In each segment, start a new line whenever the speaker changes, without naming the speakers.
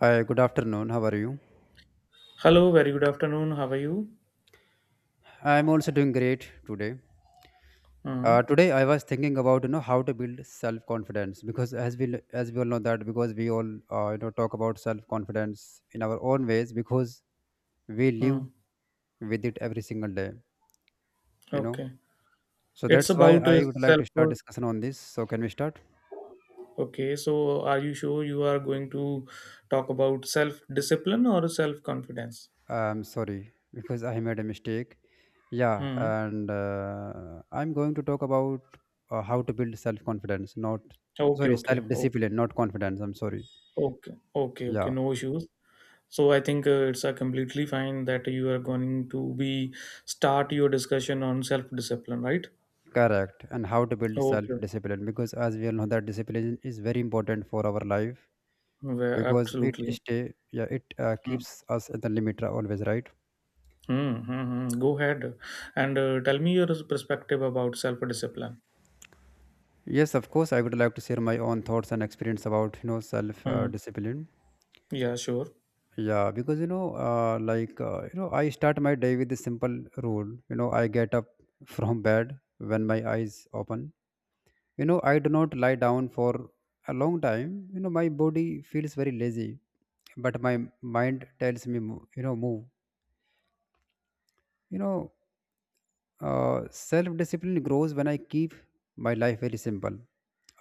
Hi, good afternoon. How are you?
Hello, very good afternoon. How are you?
I'm also doing great today.
Uh-huh.
Today I was thinking about how to build self confidence because as we all know that because we all talk about self confidence in our own ways because we live
uh
with it every single day, you know,
Okay.
so
It's
that's why
about
I would like to
self
start
worth.
discussion on this, so can we start?
Okay, so are you sure you are going to talk about self discipline or self confidence?
I'm sorry, because I made a mistake, yeah,
Hmm.
and I'm going to talk about how to build self confidence, not
Okay, okay,
sorry, self
okay,
discipline not confidence, I'm sorry.
okay, okay, okay.
Yeah,
No issues. So I think it's completely fine that you are going to be start your discussion on self discipline, right?
correct. And how to build
Okay,
self-discipline, because as we all know that discipline is very important for our life,
well,
because it
absolutely.
stay, yeah, it
Mm-hmm.
keeps us at the limit always, right.
Mm-hmm, mm-hmm. Go ahead and tell me your perspective about self discipline.
Yes, of course. I would like to share my own thoughts and experience about, you know,
Hmm.
self-discipline.
Yeah, sure.
Yeah, because I start my day with a simple rule. You know, I get up from bed when my eyes open. You know, I do not lie down for a long time. You know, my body feels very lazy, but my mind tells me, move. You know, self discipline grows when I keep my life very simple.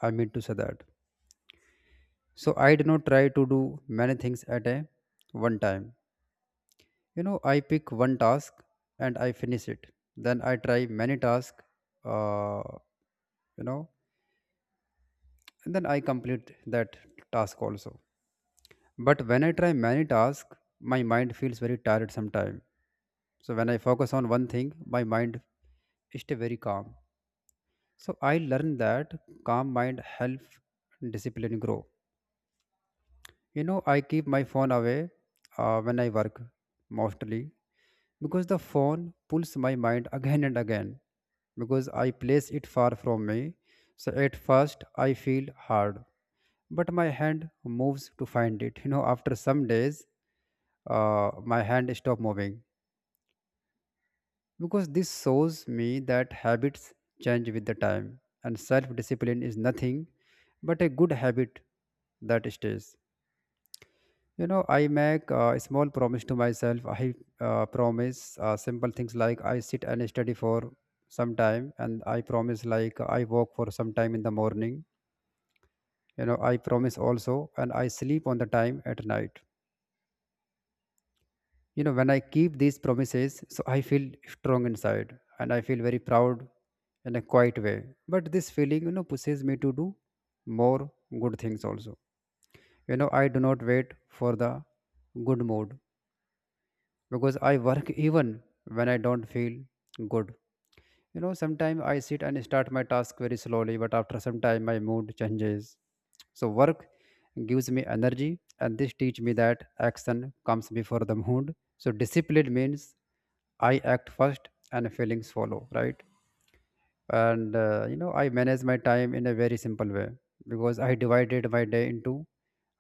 I mean to say that. So I do not try to do many things at a one time. You know, I pick one task and I finish it. Then I try many tasks, uh, you know, and then I complete that task also. But when I try many tasks, my mind feels very tired sometime. So when I focus on one thing, my mind stay very calm. So I learned that calm mind help discipline grow. You know, I keep my phone away when I work mostly, because the phone pulls my mind again and again, because I place it far from me. So at first I feel hard, but my hand moves to find it. You know, after some days my hand stop moving, because this shows me that habits change with the time and self-discipline is nothing but a good habit that stays. You know, I make a small promise to myself. I promise simple things, like I sit and study for some time, and I promise like I walk for some time in the morning. You know, I promise also, and I sleep on the time at night. You know, when I keep these promises, so I feel strong inside, and I feel very proud in a quiet way, but this feeling, you know, pushes me to do more good things also. You know, I do not wait for the good mood, because I work even when I don't feel good. You know, sometimes I sit and start my task very slowly, but after some time my mood changes. So work gives me energy, and this teach me that action comes before the mood. So discipline means I act first and feelings follow, right? I manage my time in a very simple way, because I divided my day into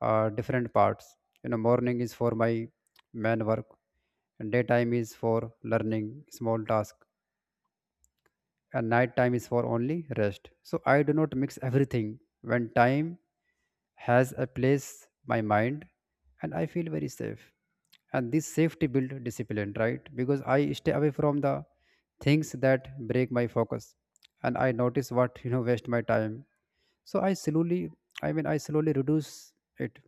different parts. You know, morning is for my main work, and daytime is for learning small task, and night time is for only rest. So I do not mix everything. When time has a place, my mind, and I feel very safe. And this safety build discipline, right? Because I stay away from the things that break my focus, and I notice what, you know, waste my time. So I slowly reduce it.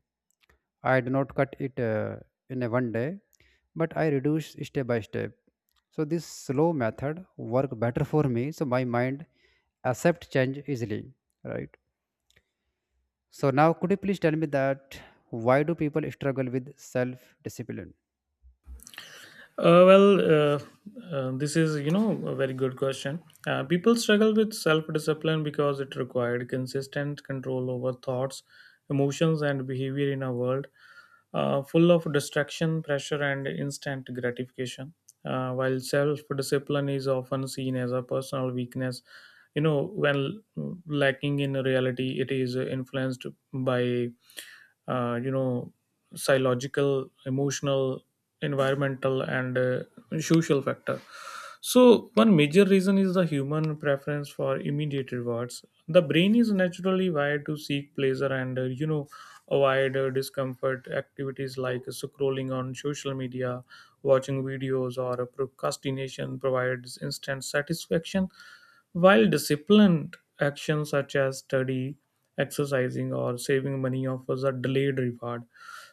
I do not cut it in a one day, but I reduce step by step, so this slow method work better for me. So my mind accept change easily, right? So now could you please tell me that why do people struggle with self discipline?
Well, this is, a very good question. People struggle with self discipline because it required consistent control over thoughts, emotions, and behavior in a world full of distraction, pressure, and instant gratification. While self discipline is often seen as a personal weakness, when lacking in reality, it is influenced by, uh, you know, psychological, emotional, environmental, and social factor. So one major reason is the human preference for immediate rewards. The brain is naturally wired to seek pleasure and avoid discomfort. Activities like scrolling on social media, watching videos, or procrastination provides instant satisfaction, while disciplined actions such as study, exercising, or saving money offers a delayed reward.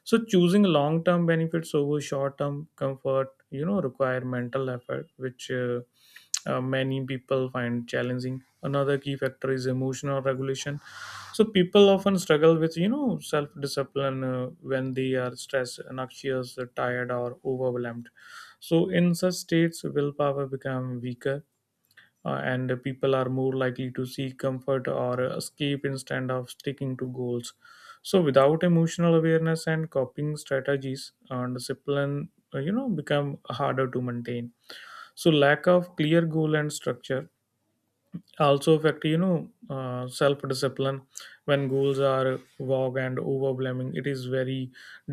So choosing long-term benefits over short-term comfort require mental effort, which many people find challenging. Another key factor is emotional regulation. So people often struggle with self-discipline when they are stressed, anxious, tired, or overwhelmed. So in such states willpower become weaker, and people are more likely to seek comfort or escape instead of sticking to goals. So, without emotional awareness and coping strategies, discipline become harder to maintain. So, lack of clear goal and structure also affect self discipline. When goals are vague and overwhelming, it is very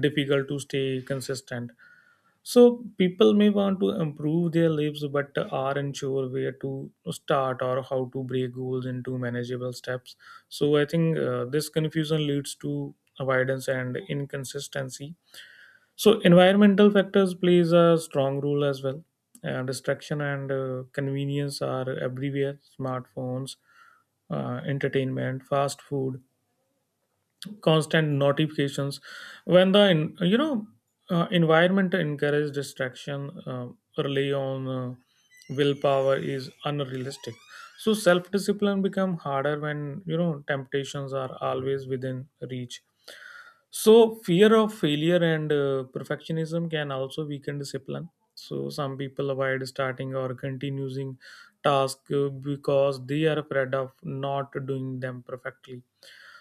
difficult to stay consistent. So people may want to improve their lives but aren't sure where to start or how to break goals into manageable steps. So I think this confusion leads to avoidance and inconsistency. So environmental factors plays a strong role as well. Distraction and convenience are everywhere. Smartphones, entertainment, fast food, constant notifications. When the environment encourages distraction, rely on willpower is unrealistic. So self discipline become harder when temptations are always within reach. So fear of failure and perfectionism can also weaken discipline. So some people avoid starting or continuing task because they are afraid of not doing them perfectly.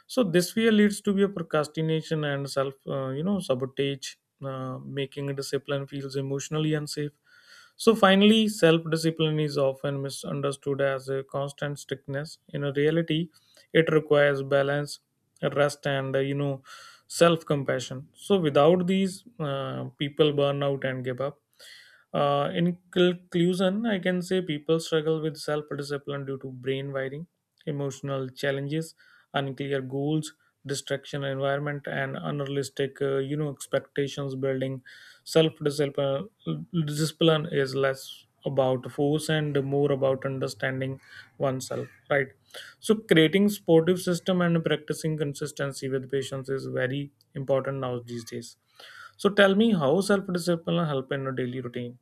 So this fear leads to be a procrastination and self sabotage, making discipline feels emotionally unsafe. So finally, self discipline is often misunderstood as a constant strictness. In reality, it requires balance, rest, and self compassion. So without these, people burn out and give up. In conclusion, I can say people struggle with self discipline due to brain wiring, emotional challenges, unclear goals, distraction environment, and unrealistic expectations. Building self discipline is less about force and more about understanding oneself, right? So creating sportive system and practicing consistency with patience is very important now these days. So tell me, how self discipline help in a daily routine?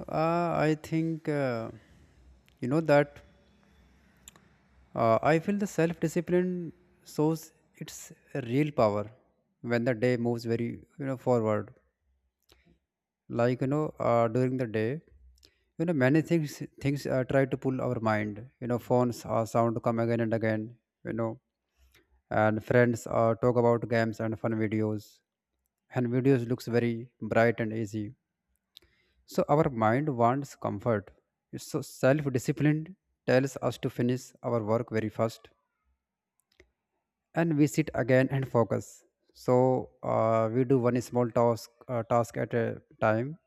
I think you know that I feel the self discipline shows its real power when the day moves very, you know, forward. Like, you know, during the day, you know, many things try to pull our mind. You know, phones sound come again and again. You know, and friends talk about games and fun videos, and videos looks very bright and easy, so our mind wants comfort. So self-discipline tells us to finish our work very fast, and we sit again and focus. So we do one small task at a time,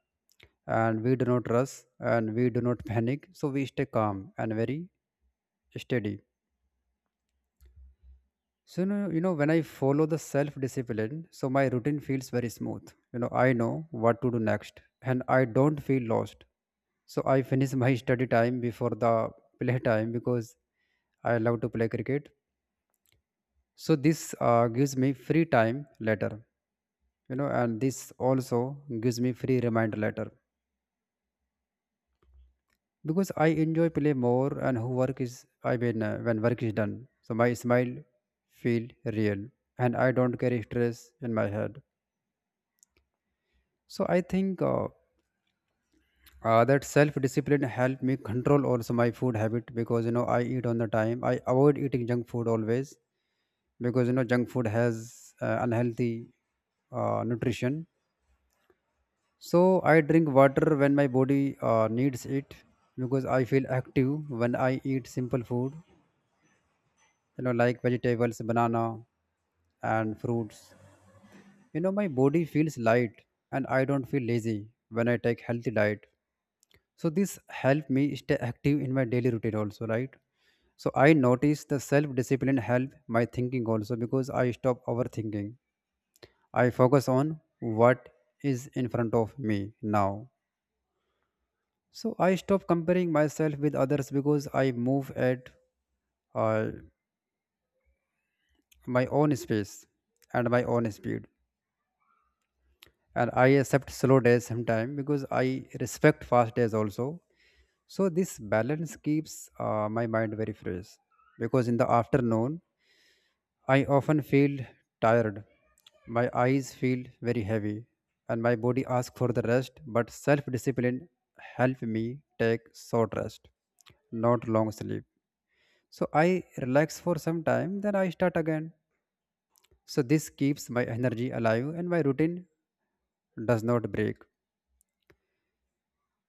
and we do not rush, and we do not panic, so we stay calm and very steady. So, when I follow the self discipline, so my routine feels very smooth. You know, I know what to do next and I don't feel lost. So I finish my study time before the play time, because I love to play cricket. So this gives me free time later, you know, and this also gives me free reminder later, because I enjoy play more and who work is, when work is done. So my smile feel real, and I don't carry stress in my head. So I think that self-discipline helped me control also my food habit, because you know, I eat on the time. I avoid eating junk food always, because you know, junk food has unhealthy nutrition. So I drink water when my body needs it, because I feel active when I eat simple food. You know, like vegetables, banana, and fruits. You know, my body feels light and I don't feel lazy when I take healthy diet. So this helped me stay active in my daily routine also, right? So I noticed the self-discipline help my thinking also, because I stop overthinking. I focus on what is in front of me now. So I stop comparing myself with others, because I move at uh, my own space and my own speed. And I accept slow days sometimes, because I respect fast days also. So this balance keeps my mind very fresh, because in the afternoon I often feel tired. My eyes feel very heavy and my body asks for the rest, but self discipline helps me take short rest, not long sleep. So I relax for some time, then I start again. So this keeps my energy alive and my routine does not break.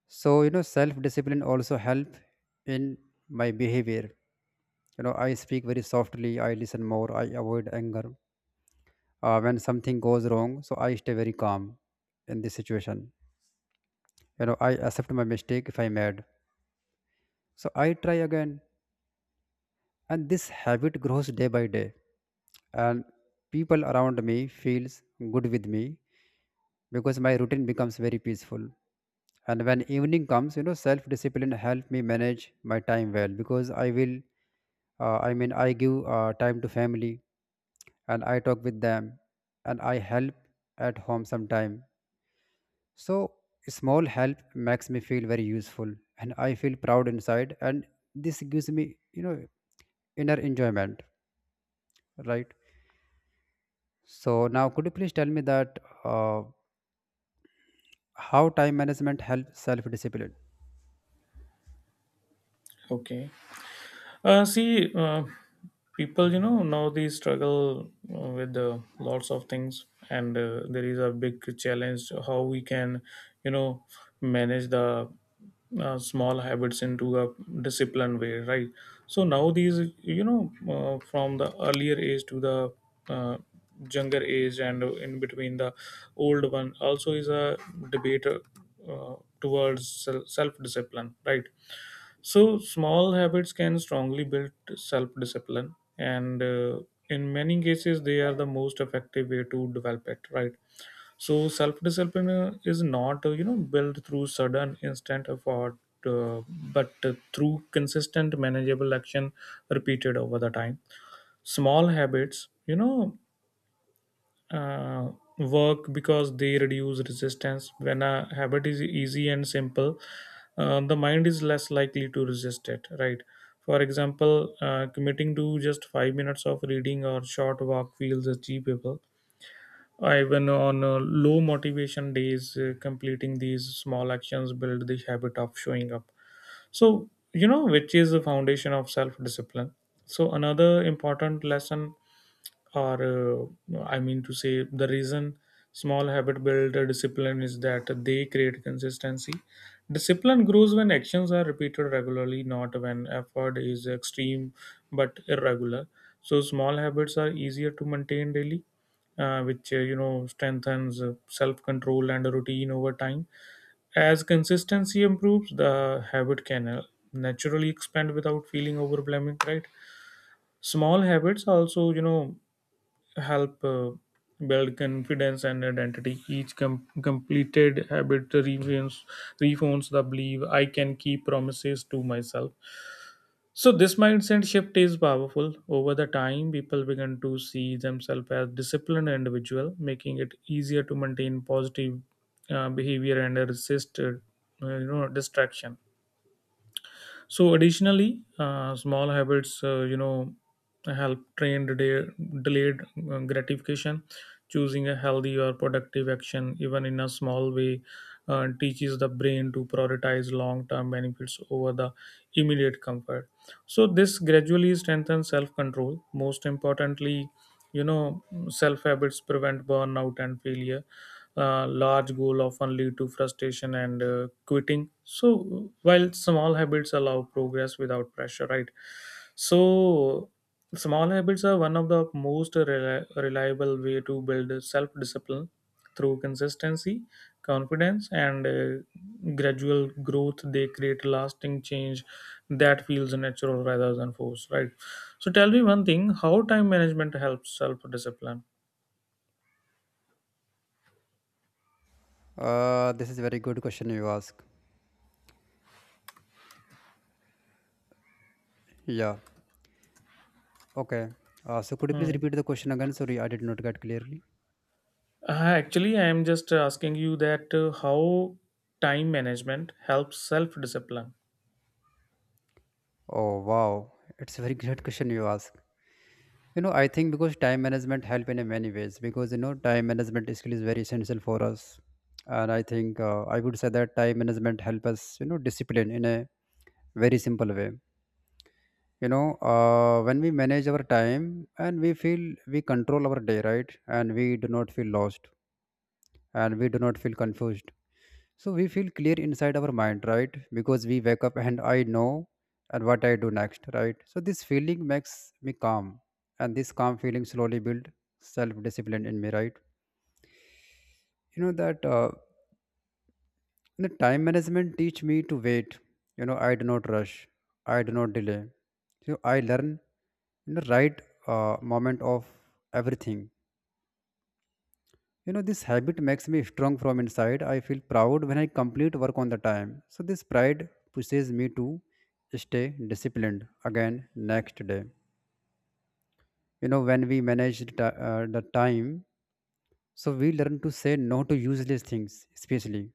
So you know, self discipline also help in my behavior. You know, I speak very softly, I listen more, I avoid anger when something goes wrong, so I stay very calm in this situation. You know, I accept my mistake if I made, so I try again, and this habit grows day by day, and people around me feels good with me, because my routine becomes very peaceful. And when evening comes, you know, self discipline help me manage my time well, because I will I mean I give time to family, and I talk with them, and I help at home sometime. So small help makes me feel very useful, and I feel proud inside, and this gives me, you know, inner enjoyment, right? So now could you please tell me that how time management helps self-discipline?
Okay. See, people now they struggle, with lots of things. And there is a big challenge how we can you know manage the small habits into a disciplined way, right? So now these, from the earlier age to the uh, younger age, and in between the old one also is a debate, towards self discipline, right? So, small habits can strongly build self discipline, and in many cases, they are the most effective way to develop it, right? So, self discipline is not, built through sudden instant effort, uh, but through consistent, manageable action repeated over the time. Small habits, uh, work because they reduce resistance. When a habit is easy and simple, the mind is less likely to resist it, right? For example, committing to just 5 minutes of reading or short walk feels achievable. Even on low motivation days, completing these small actions build the habit of showing up. So, which is the foundation of self discipline. So, another important lesson, or I mean to say, the reason small habit build a discipline is that they create consistency. Discipline grows when actions are repeated regularly, not when effort is extreme but irregular. So small habits are easier to maintain daily, which strengthens self control and routine over time. As consistency improves, the habit can naturally expand without feeling overwhelming, right? Small habits also help build confidence and identity. Each completed habit reveals, reforms the belief I can keep promises to myself. So this mindset shift is powerful. Over the time, people begin to see themselves as disciplined individual, making it easier to maintain positive behavior and resist, distraction. So additionally, small habits, help train delayed gratification. Choosing a healthy or productive action, even in a small way, teaches the brain to prioritize long-term benefits over the immediate comfort. So this gradually strengthens self-control. Most importantly, you know, self habits prevent burnout and failure. Large goal often lead to frustration and quitting, so while small habits allow progress without pressure, right? So small habits are one of the most reliable way to build self discipline. Through consistency, confidence, and gradual growth, they create lasting change that feels natural rather than forced, right? So tell me one thing: how time management helps self discipline?
This is a very good question you ask. Yeah. Okay. So could you please repeat the question again? Sorry, I did not get clearly.
Actually, I am just asking you that how time management helps self discipline.
Oh wow, it's a very great question you ask. You know, I think because time management help in a many ways, because you know, time management skill is very essential for us, and I think I would say that time management help us, you know, discipline in a very simple way. You know, when we manage our time and we feel we control our day, right, and we do not feel lost and we do not feel confused, so we feel clear inside our mind, right? Because we wake up and I know and what I do next, right? So this feeling makes me calm, and this calm feeling slowly build self-discipline in me, right? You know that the time management teach me to wait. You know, I do not rush, I do not delay. So I learn in the right moment of everything. You know, this habit makes me strong from inside. I feel proud when I complete work on the time. So this pride pushes me to stay disciplined again next day. You know, when we manage the time, so we learn to say no to useless things, especially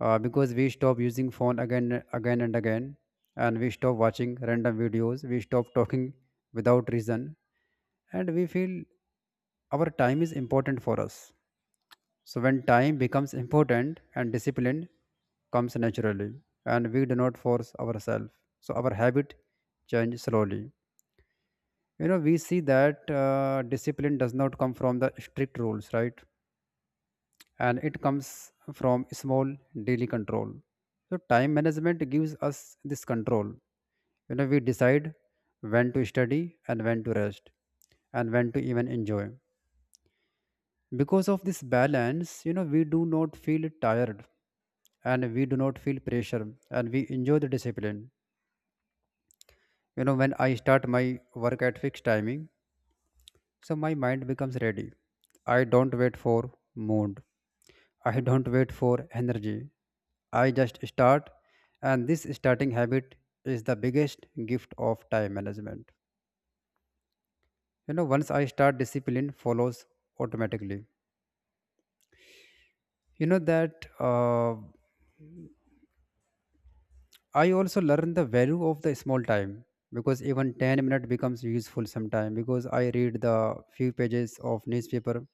because we stop using phone again and again, and we stop watching random videos. We stop talking without reason, and we feel our time is important for us. So when time becomes important, and discipline comes naturally, and we do not force ourselves. So our habit change slowly. We see that discipline does not come from the strict rules, right? And it comes from small daily control. So time management gives us this control. We decide when to study and when to rest and when to even enjoy. Because of this balance, we do not feel tired and we do not feel pressure and we enjoy the discipline. When I start my work at fixed timing, so my mind becomes ready. I don't wait for mood, I don't wait for energy, I just start. And this starting habit is the biggest gift of time management. Once I start, discipline follows automatically. You know that I also learn the value of the small time, because even 10 minutes becomes useful sometime. Because I read the few pages of newspaper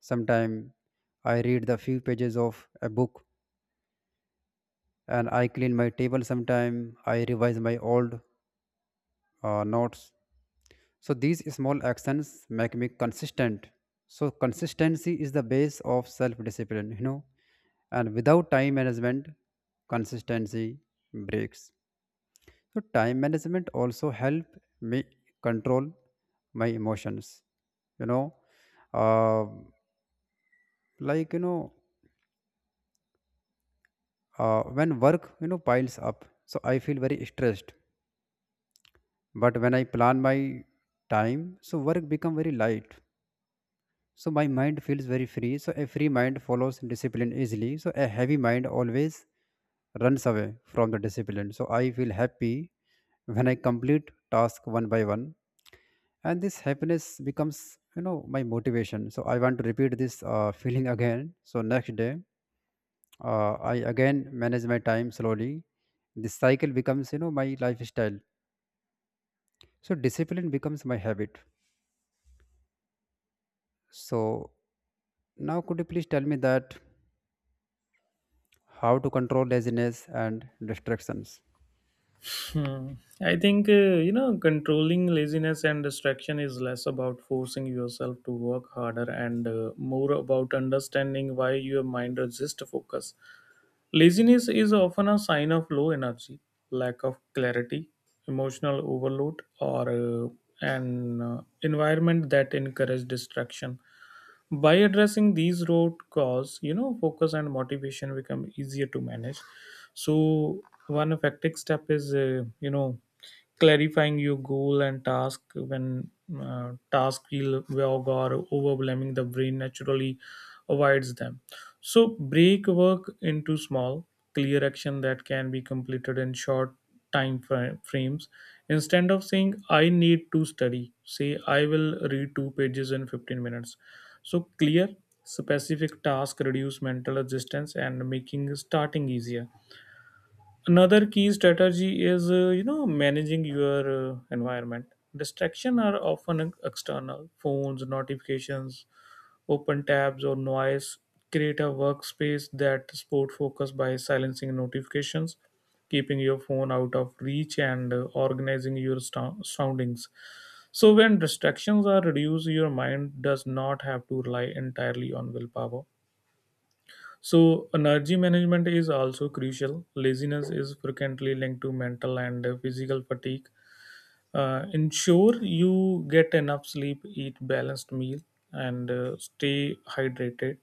sometime, I read the few pages of a book, and I clean my table. Sometime I revise my old notes. So these small actions make me consistent. So consistency is the base of self discipline and without time management, consistency breaks. So time management also help me control my emotions. You know, uh, like you know, when work piles up, so I feel very stressed. But when I plan my time, so work become very light. So my mind feels very free. So a free mind follows discipline easily. So a heavy mind always runs away from the discipline. So I feel happy when I complete task one by one, and this happiness becomes my motivation. So I want to repeat this feeling again. So next day, I again manage my time slowly. This cycle becomes my lifestyle. So discipline becomes my habit. So now, could you please tell me that how to control laziness and distractions?
Hmm. I think, controlling laziness and distraction is less about forcing yourself to work harder and more about understanding why your mind resists focus. Laziness is often a sign of low energy, lack of clarity, emotional overload, or an environment that encourages distraction. By addressing these root cause, focus and motivation become easier to manage. So one effective step is, clarifying your goal and task. When task feel vague or overwhelming, the brain naturally avoids them. So break work into small clear action that can be completed in short time frames. Instead of saying I need to study, say I will read two pages in 15 minutes. So clear, specific tasks reduce mental resistance and making starting easier. Another key strategy is managing your environment. Distraction are often external: phones, notifications, open tabs, or noise. Create a workspace that supports focus by silencing notifications, keeping your phone out of reach, and organizing your soundings. So when distractions are reduced, your mind does not have to rely entirely on willpower. So, energy management is also crucial. Laziness is frequently linked to mental and physical fatigue. Ensure you get enough sleep, eat balanced meal, and stay hydrated.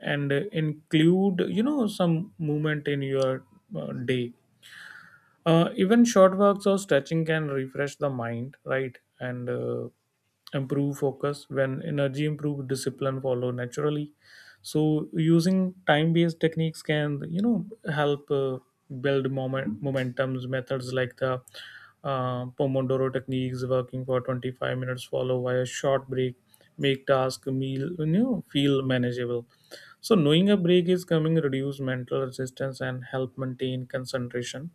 And include some movement in your day. Even short walks or stretching can refresh the mind, right? And improve focus. When energy improve, discipline follow naturally. So using time based techniques can help build momentums. Methods like the pomodoro techniques, working for 25 minutes follow by a short break, make task meal feel manageable. So knowing a break is coming reduce mental resistance and help maintain concentration.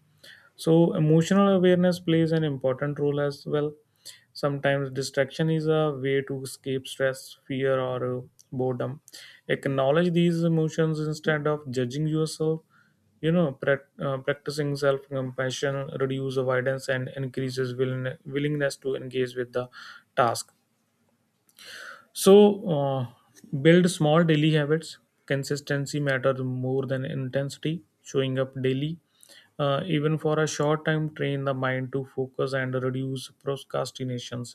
So, emotional awareness plays an important role as well. Sometimes distraction is a way to escape stress, fear, or boredom. Acknowledge these emotions instead of judging yourself. Practicing self compassion reduces avoidance and increases willingness to engage with the task. So, build small daily habits. Consistency matters more than intensity. Showing up daily, even for a short time, train the mind to focus and reduce procrastinations.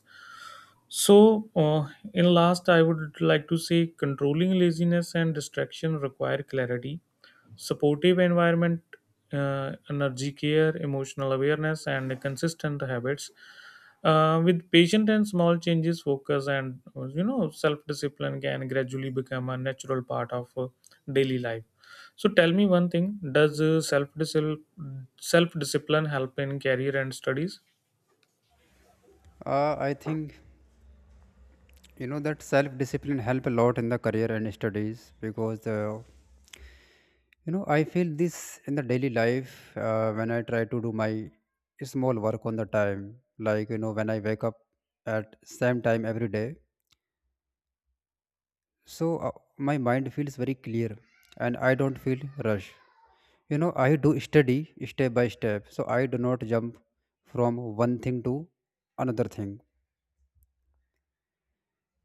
So, in last, I would like to say controlling laziness and distraction require clarity, supportive environment, energy care, emotional awareness, and consistent habits. With patient and small changes, focus and self-discipline can gradually become a natural part of daily life. So tell me one thing: does self-discipline help in career and studies?
I think that self discipline help a lot in the career and studies because the I feel this in the daily life, when I try to do my small work on the time, like when I wake up at same time every day. So my mind feels very clear, and I don't feel rush. I do study step by step, so I do not jump from one thing to another thing.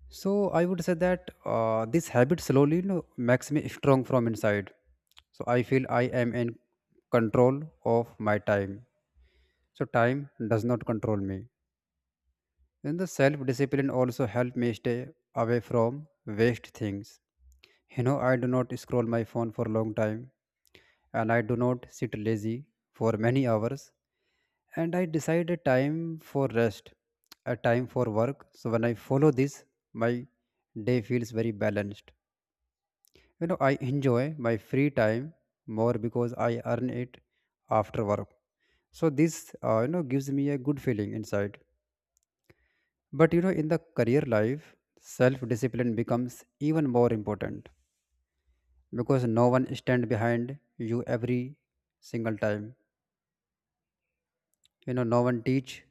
So I would say that this habit slowly makes me strong from inside. So I feel I am in control of my time. So time does not control me. Then the self discipline also help me stay away from waste things. I do not scroll my phone for a long time, and I do not sit lazy for many hours, and I decide a time for rest, a time for work. So when I follow this, my day feels very balanced. I enjoy my free time more because I earn it after work. So this gives me a good feeling inside. But in the career life, self discipline becomes even more important because no one stand behind you every single time. No one teach,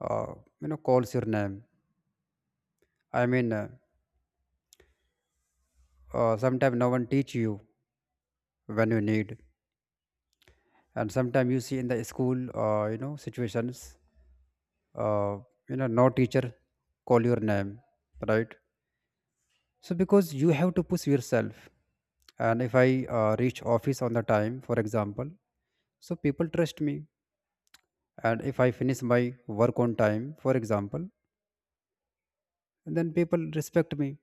uh, calls your name. I mean, sometimes no one teach you when you need, and sometimes you see in the school, situations, uh, no teacher call your name, right? So because you have to push yourself, and if I reach office on the time, for example. So people trust me. And if I finish my work on time, for example, then people respect me.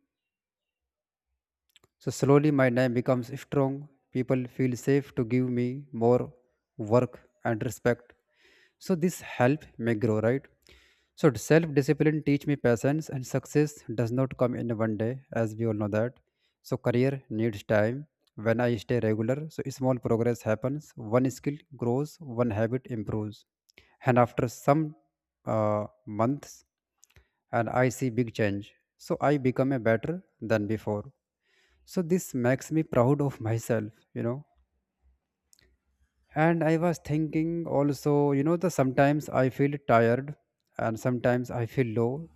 So slowly my name becomes strong. People feel safe to give me more work and respect. So this help may grow, right? So self-discipline teach me patience and success does not come in one day, as we all know that. So career needs time. When I stay regular, so small progress happens. One skill grows, one habit improves, and after some months, and I see big change. So I become a better than before. So this makes me proud of myself, you know and I was thinking also, you know, the sometimes I feel tired and sometimes I feel low,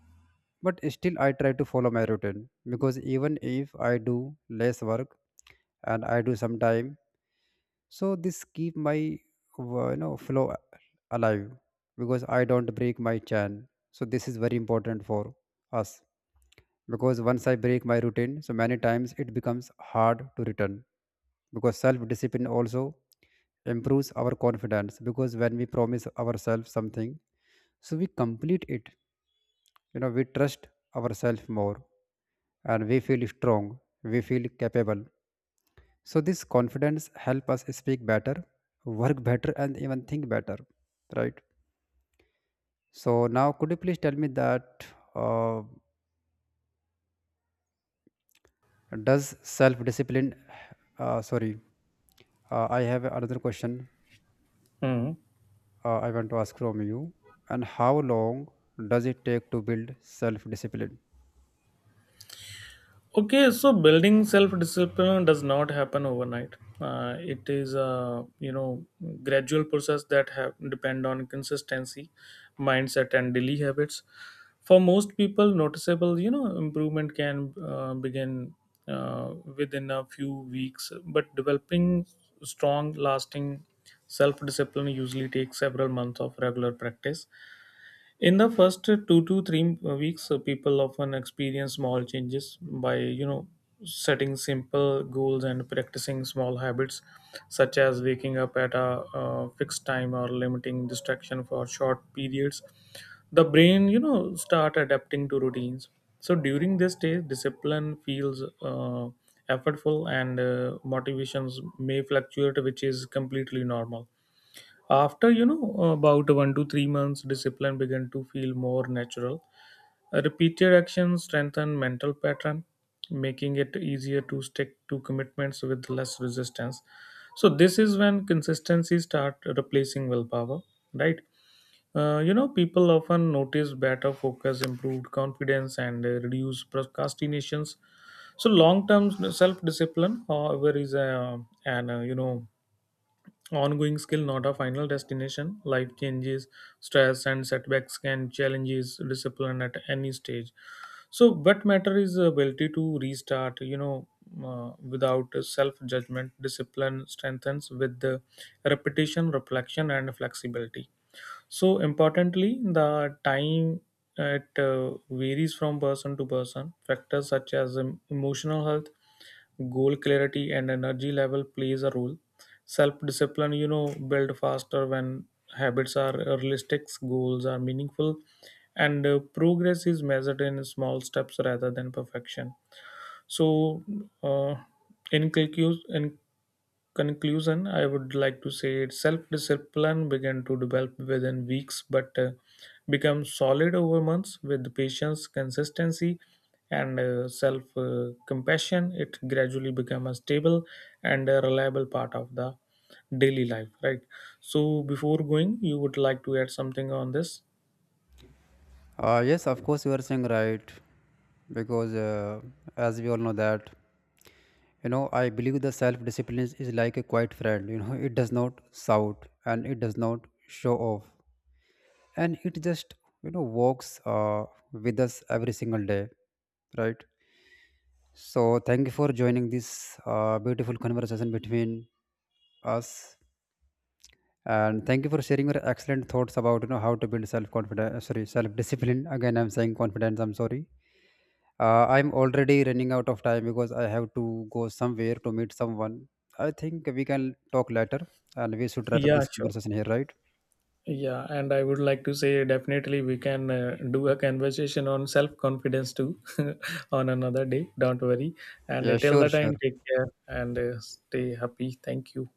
but still I try to follow my routine because even if I do less work and I do some time, so this keep my flow alive because I don't break my chain. So this is very important for us because once I break my routine, so many times it becomes hard to return. Because self discipline also improves our confidence because when we promise ourselves something, so we complete it. We trust ourselves more and we feel strong, we feel capable. So this confidence help us speak better, work better, and even think better, right? So now, could you please tell me that? Uh, Does self discipline, sorry, I have another question
Hmm.
I want to ask from you. And how long does it take to build self discipline?
Okay, so building self-discipline does not happen overnight. It is a gradual process that have depend on consistency, mindset, and daily habits. For most people, noticeable improvement can begin within a few weeks, but developing strong, lasting self-discipline usually takes several months of regular practice. In the first 2 to 3 weeks, people often experience small changes by setting simple goals and practicing small habits, such as waking up at a fixed time or limiting distraction for short periods. The brain start adapting to routines. So during this stage, discipline feels effortful and motivations may fluctuate, which is completely normal. After, about 1 to 3 months, discipline began to feel more natural. Repeated actions strengthen mental pattern, making it easier to stick to commitments with less resistance. So this is when consistency start replacing willpower, right? People often notice better focus, improved confidence, and reduced procrastinations. So long-term self-discipline, however, is an ongoing skill, not a final destination. Life changes, stress, and setbacks can challenge discipline at any stage. So, what matter is the ability to restart. Without self judgment, discipline strengthens with the repetition, reflection, and flexibility. So importantly, the time it varies from person to person. Factors such as emotional health, goal clarity, and energy level plays a role. Self discipline build faster when habits are realistic, goals are meaningful, and progress is measured in small steps rather than perfection. So, uh, in conclusion, I would like to say self discipline began to develop within weeks but become solid over months with patience, consistency, and self compassion. It gradually became a stable and a reliable part of the daily life, right? So, before going, you would like to add something on this?
Yes, of course, you are saying right, because as we all know that, I believe the self discipline is like a quiet friend. It does not shout and it does not show off, and it just walks with us every single day, right? So, thank you for joining this beautiful conversation between us, and thank you for sharing your excellent thoughts about how to build self confidence. Sorry, self discipline. Again, I'm saying confidence. I'm sorry. I'm already running out of time because I have to go somewhere to meet someone. I think we can talk later, and we should wrap up
Yeah,
this
sure.
conversation here, right?
Yeah, and I would like to say definitely we can do a conversation on self confidence too on another day. Don't worry. And
Yeah,
till
sure,
the
sure.
time, take care and stay happy. Thank you.